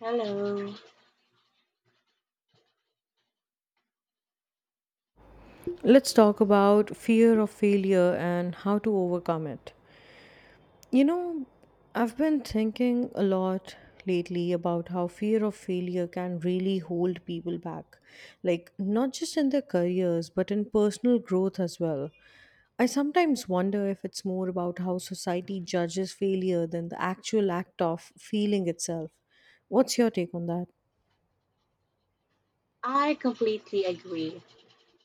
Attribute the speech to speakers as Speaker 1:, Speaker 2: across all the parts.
Speaker 1: Hello.
Speaker 2: Let's talk about fear of failure and how to overcome it. You know, I've been thinking a lot lately about how fear of failure can really hold people back, like not just in their careers, but in personal growth as well. I sometimes wonder if it's more about how society judges failure than the actual act of feeling itself. What's your take on that?
Speaker 1: I completely agree.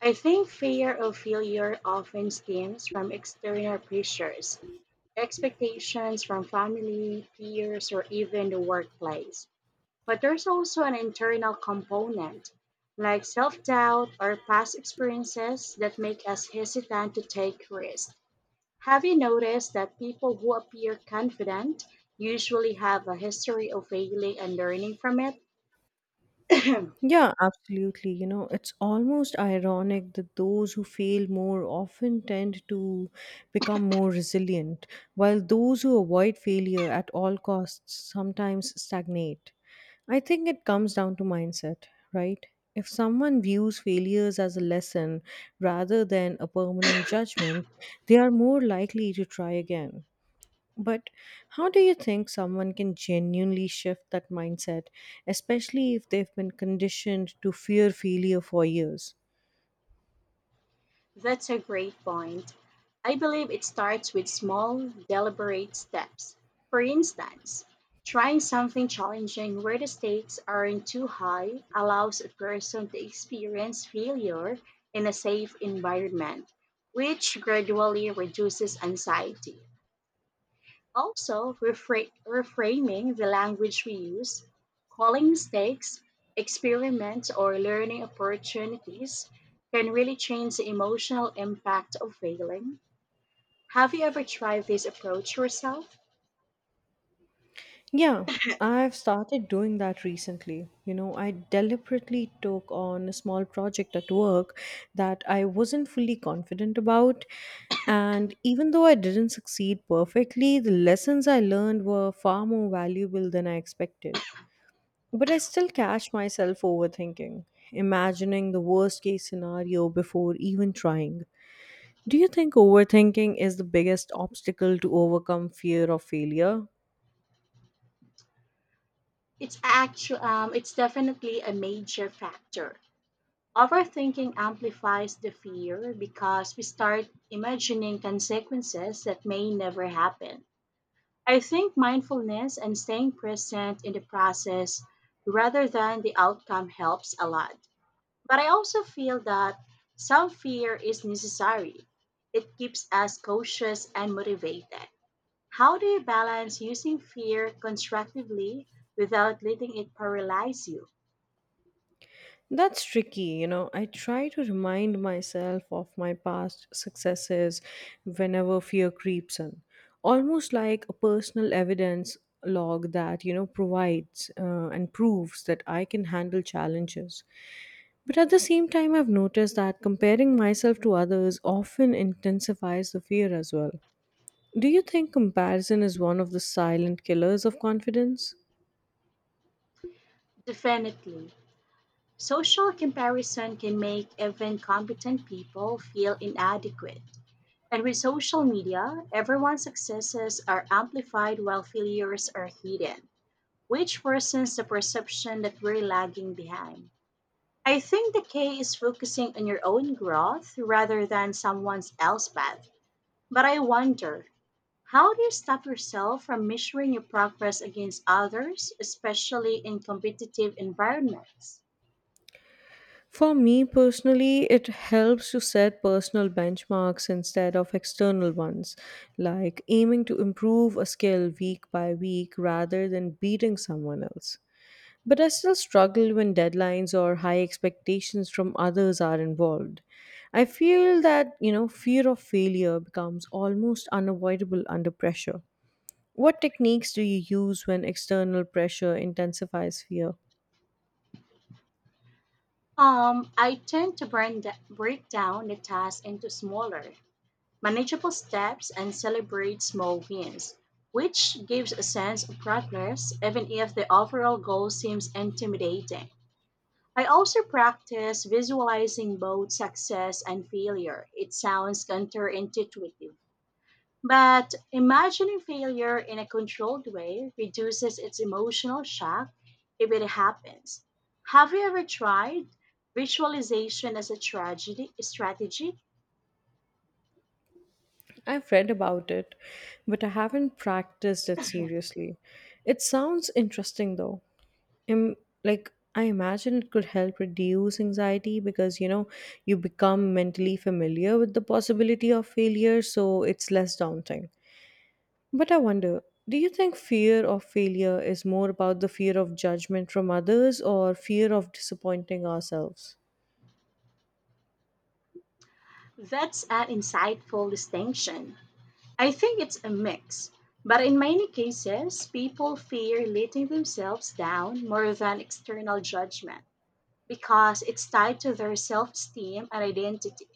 Speaker 1: I think fear of failure often stems from external pressures, expectations from family, peers, or even the workplace. But there's also an internal component, like self doubt or past experiences, that make us hesitant to take risks. Have you noticed that people who appear confident usually have a history of failing and learning from it?
Speaker 2: Yeah, absolutely. You know, it's almost ironic that those who fail more often tend to become more resilient, while those who avoid failure at all costs sometimes stagnate. I think it comes down to mindset, right? If someone views failures as a lesson rather than a permanent judgment, they are more likely to try again. But how do you think someone can genuinely shift that mindset, especially if they've been conditioned to fear failure for years?
Speaker 1: That's a great point. I believe it starts with small, deliberate steps. For instance, trying something challenging where the stakes aren't too high allows a person to experience failure in a safe environment, which gradually reduces anxiety. Also, reframing the language we use, calling mistakes, experiments, or learning opportunities can really change the emotional impact of failing. Have you ever tried this approach yourself?
Speaker 2: Yeah, I've started doing that recently. You know, I deliberately took on a small project at work that I wasn't fully confident about. And even though I didn't succeed perfectly, the lessons I learned were far more valuable than I expected. But I still catch myself overthinking, imagining the worst case scenario before even trying. Do you think overthinking is the biggest obstacle to overcome fear of failure?
Speaker 1: It's definitely a major factor. Overthinking amplifies the fear because we start imagining consequences that may never happen. I think mindfulness and staying present in the process rather than the outcome helps a lot. But I also feel that some fear is necessary. It keeps us cautious and motivated. How do you balance using fear constructively without letting it paralyze you?
Speaker 2: That's tricky, you know. I try to remind myself of my past successes whenever fear creeps in, almost like a personal evidence log that, you know, provides and proves that I can handle challenges. But at the same time, I've noticed that comparing myself to others often intensifies the fear as well. Do you think comparison is one of the silent killers of confidence?
Speaker 1: Definitely. Social comparison can make even competent people feel inadequate. And with social media, everyone's successes are amplified while failures are hidden, which worsens the perception that we're lagging behind. I think the key is focusing on your own growth rather than someone else's path. But I wonder, how do you stop yourself from measuring your progress against others, especially in competitive environments?
Speaker 2: For me personally, it helps to set personal benchmarks instead of external ones, like aiming to improve a skill week by week rather than beating someone else. But I still struggle when deadlines or high expectations from others are involved. I feel that, you know, fear of failure becomes almost unavoidable under pressure. What techniques do you use when external pressure intensifies fear?
Speaker 1: I tend to break down the task into smaller, manageable steps, and celebrate small wins, which gives a sense of progress even if the overall goal seems intimidating. I also practice visualizing both success and failure. It sounds counterintuitive, but imagining failure in a controlled way reduces its emotional shock if it happens. Have you ever tried visualization as a tragedy strategy?
Speaker 2: I've read about it, but I haven't practiced it seriously. It sounds interesting though. Im Like, I imagine it could help reduce anxiety because, you know, you become mentally familiar with the possibility of failure, so it's less daunting. But I wonder, do you think fear of failure is more about the fear of judgment from others or fear of disappointing ourselves?
Speaker 1: That's an insightful distinction. I think it's a mix, but in many cases, people fear letting themselves down more than external judgment because it's tied to their self esteem and identity.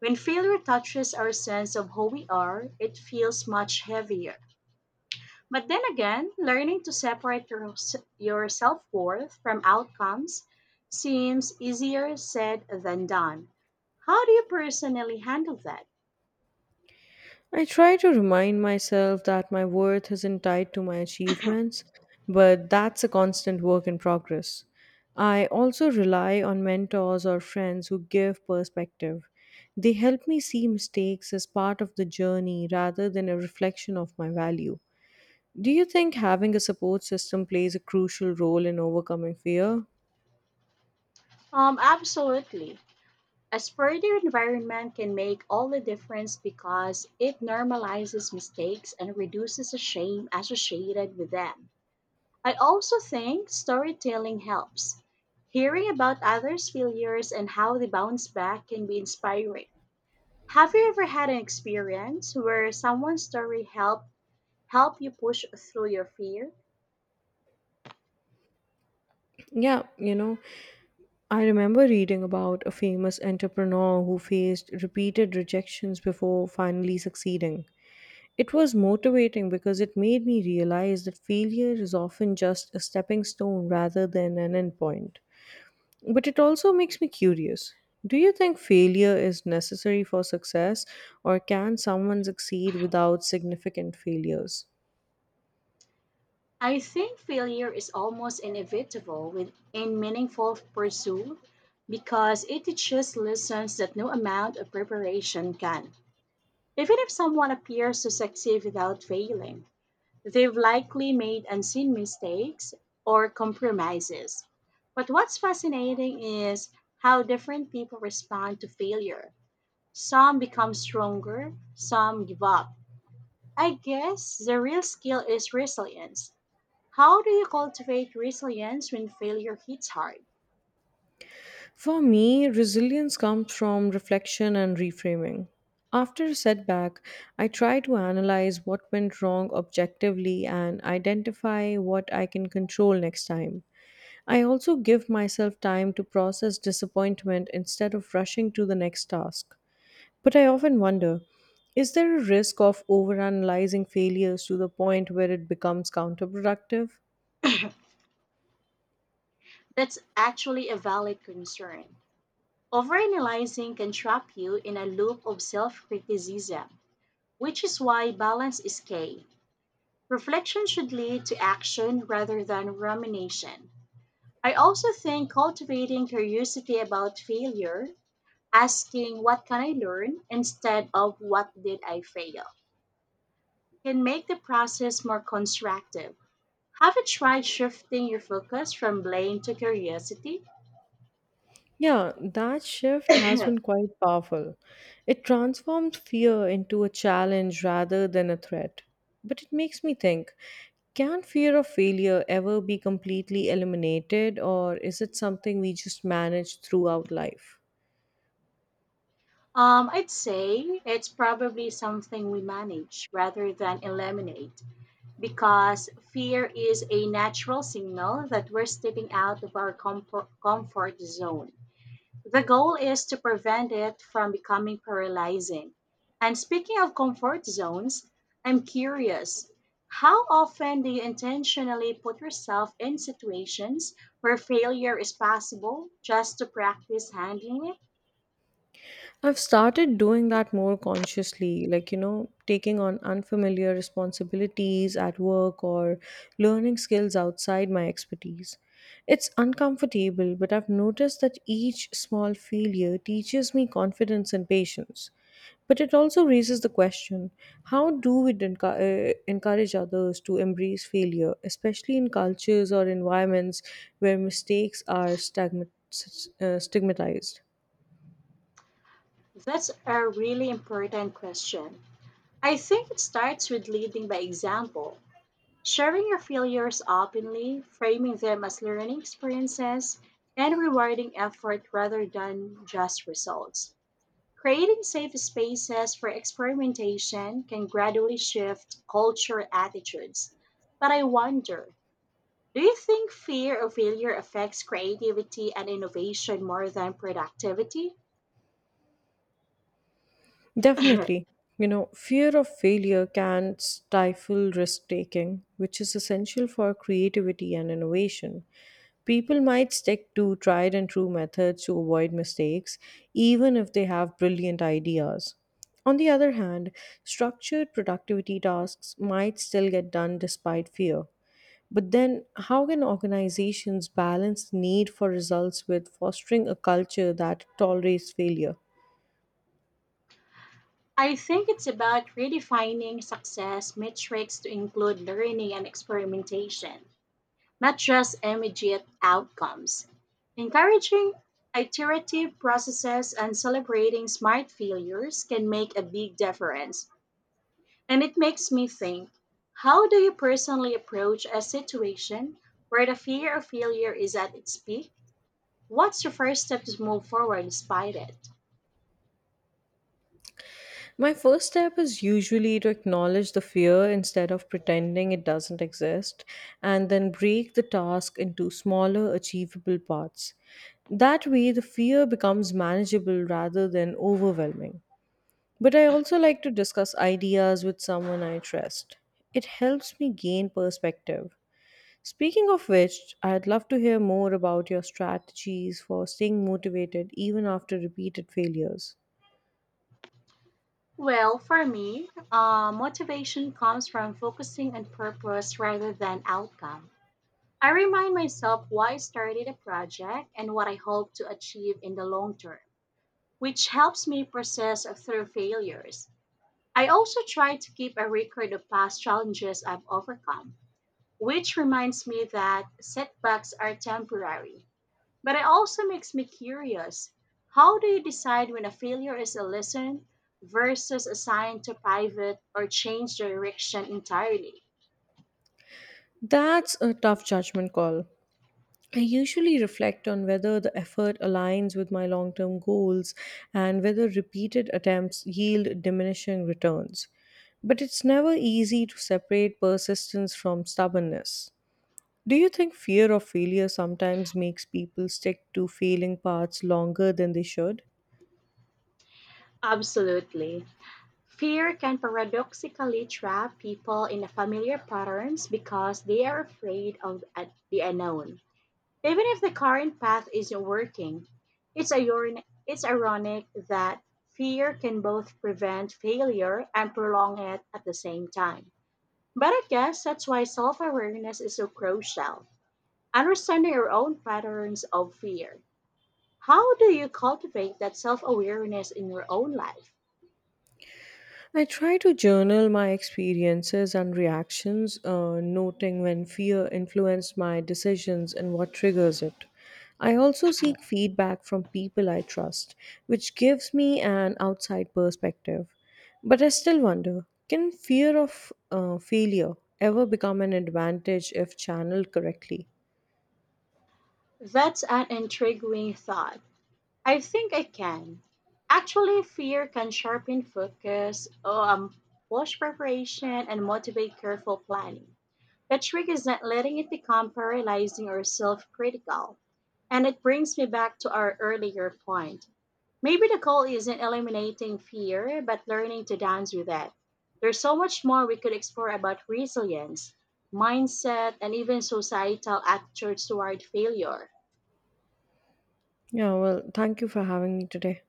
Speaker 1: When failure touches our sense of who we are, it feels much heavier. But then again, learning to separate your self worth from outcomes seems easier said than done. How do you personally handle that?
Speaker 2: I try to remind myself that my worth isn't tied to my achievements, but that's a constant work in progress. I also rely on mentors or friends who give perspective. They help me see mistakes as part of the journey rather than a reflection of my value. Do you think having a support system plays a crucial role in overcoming fear?
Speaker 1: Absolutely. A sporty environment can make all the difference because it normalizes mistakes and reduces the shame associated with them. I also think storytelling helps. Hearing about others' failures and how they bounce back can be inspiring. Have you ever had an experience where someone's story help you push through your fear?
Speaker 2: Yeah, you know, I remember reading about a famous entrepreneur who faced repeated rejections before finally succeeding. It was motivating because it made me realize that failure is often just a stepping stone rather than an endpoint. But it also makes me curious. Do you think failure is necessary for success, or can someone succeed without significant failures?
Speaker 1: I think failure is almost inevitable in meaningful pursuit because it teaches lessons that no amount of preparation can. Even if someone appears to succeed without failing, they've likely made unseen mistakes or compromises. But what's fascinating is how different people respond to failure. Some become stronger, some give up. I guess the real skill is resilience. How do you cultivate resilience when failure hits hard?
Speaker 2: For me, resilience comes from reflection and reframing. After a setback, I try to analyze what went wrong objectively and identify what I can control next time. I also give myself time to process disappointment instead of rushing to the next task. But I often wonder, is there a risk of overanalyzing failures to the point where it becomes counterproductive?
Speaker 1: That's actually a valid concern. Overanalyzing can trap you in a loop of self criticism, which is why balance is key. Reflection should lead to action rather than rumination. I also think cultivating curiosity about failure, asking what can I learn instead of what did I fail, can make the process more constructive. Have you tried shifting your focus from blame to curiosity?
Speaker 2: Yeah, that shift has
Speaker 1: um,
Speaker 2: been quite powerful. It transforms fear into a challenge rather than a threat. But it makes me think, can fear of failure ever be completely eliminated, or is it something we just manage throughout life?
Speaker 1: I'd say it's probably something we manage rather than eliminate because fear is a natural signal that we're stepping out of our comfort zone. The goal is to prevent it from becoming paralyzing. And speaking of comfort zones, I'm curious, how often do you intentionally put yourself in situations where failure is possible just to practice handling it?
Speaker 2: I've started doing that more consciously, like, you know, taking on unfamiliar responsibilities at work or learning skills outside my expertise. It's uncomfortable, but I've noticed that each small failure teaches me confidence and patience. But it also raises the question, how do we encourage others to embrace failure, especially in cultures or environments where mistakes are stigmatized?
Speaker 1: That's a really important question. I think it starts with leading by example. Sharing your failures openly, framing them as learning experiences, and rewarding effort rather than just results. Creating safe spaces for experimentation can gradually shift cultural attitudes. But I wonder, do you think fear of failure affects creativity and innovation more than productivity?
Speaker 2: Definitely. You know, fear of failure can stifle risk taking, which is essential for creativity and innovation. People might stick to tried and true methods to avoid mistakes, even if they have brilliant ideas. On the other hand, structured productivity tasks might still get done despite fear. But then, how can organizations balance need for results with fostering a culture that tolerates failure?
Speaker 1: I think it's about redefining success metrics to include learning and experimentation, not just immediate outcomes. Encouraging iterative processes and celebrating smart failures can make a big difference. And it makes me think, how do you personally approach a situation where the fear of failure is at its peak? What's your first step to move forward despite it?
Speaker 2: My first step is usually to acknowledge the fear instead of pretending it doesn't exist, and then break the task into smaller, achievable parts. That way, the fear becomes manageable rather than overwhelming. But I also like to discuss ideas with someone I trust. It helps me gain perspective. Speaking of which, I'd love to hear more about your strategies for staying motivated even after repeated failures.
Speaker 1: Well, for me, motivation comes from focusing on purpose rather than outcome. I remind myself why I started a project and what I hope to achieve in the long term, which helps me process through failures. I also try to keep a record of past challenges I've overcome, which reminds me that setbacks are temporary. But it also makes me curious. How do you decide when a failure is a lesson versus a sign to pivot or change direction entirely?
Speaker 2: That's a tough judgment call. I usually reflect on whether the effort aligns with my long term goals and whether repeated attempts yield diminishing returns. But it's never easy to separate persistence from stubbornness. Do you think fear of failure sometimes makes people stick to failing paths longer than they should?
Speaker 1: Absolutely. Fear can paradoxically trap people in the familiar patterns because they are afraid of the unknown. Even if the current path isn't working, it's ironic that fear can both prevent failure and prolong it at the same time. But I guess that's why self awareness is so crucial. Understanding your own patterns of fear. How do you cultivate that self awareness in your own life?
Speaker 2: I try to journal my experiences and reactions, noting when fear influenced my decisions and what triggers it. I also seek feedback from people I trust, which gives me an outside perspective. But I still wonder, can fear of failure ever become an advantage if channeled correctly?
Speaker 1: That's an intriguing thought. I think I can. Actually, fear can sharpen focus, push preparation, and motivate careful planning. The trick is not letting it become paralyzing or self critical. And it brings me back to our earlier point. Maybe the goal isn't eliminating fear, but learning to dance with it. There's so much more we could explore about resilience, mindset, and even societal attitudes toward failure.
Speaker 2: Yeah, well, thank you for having me today.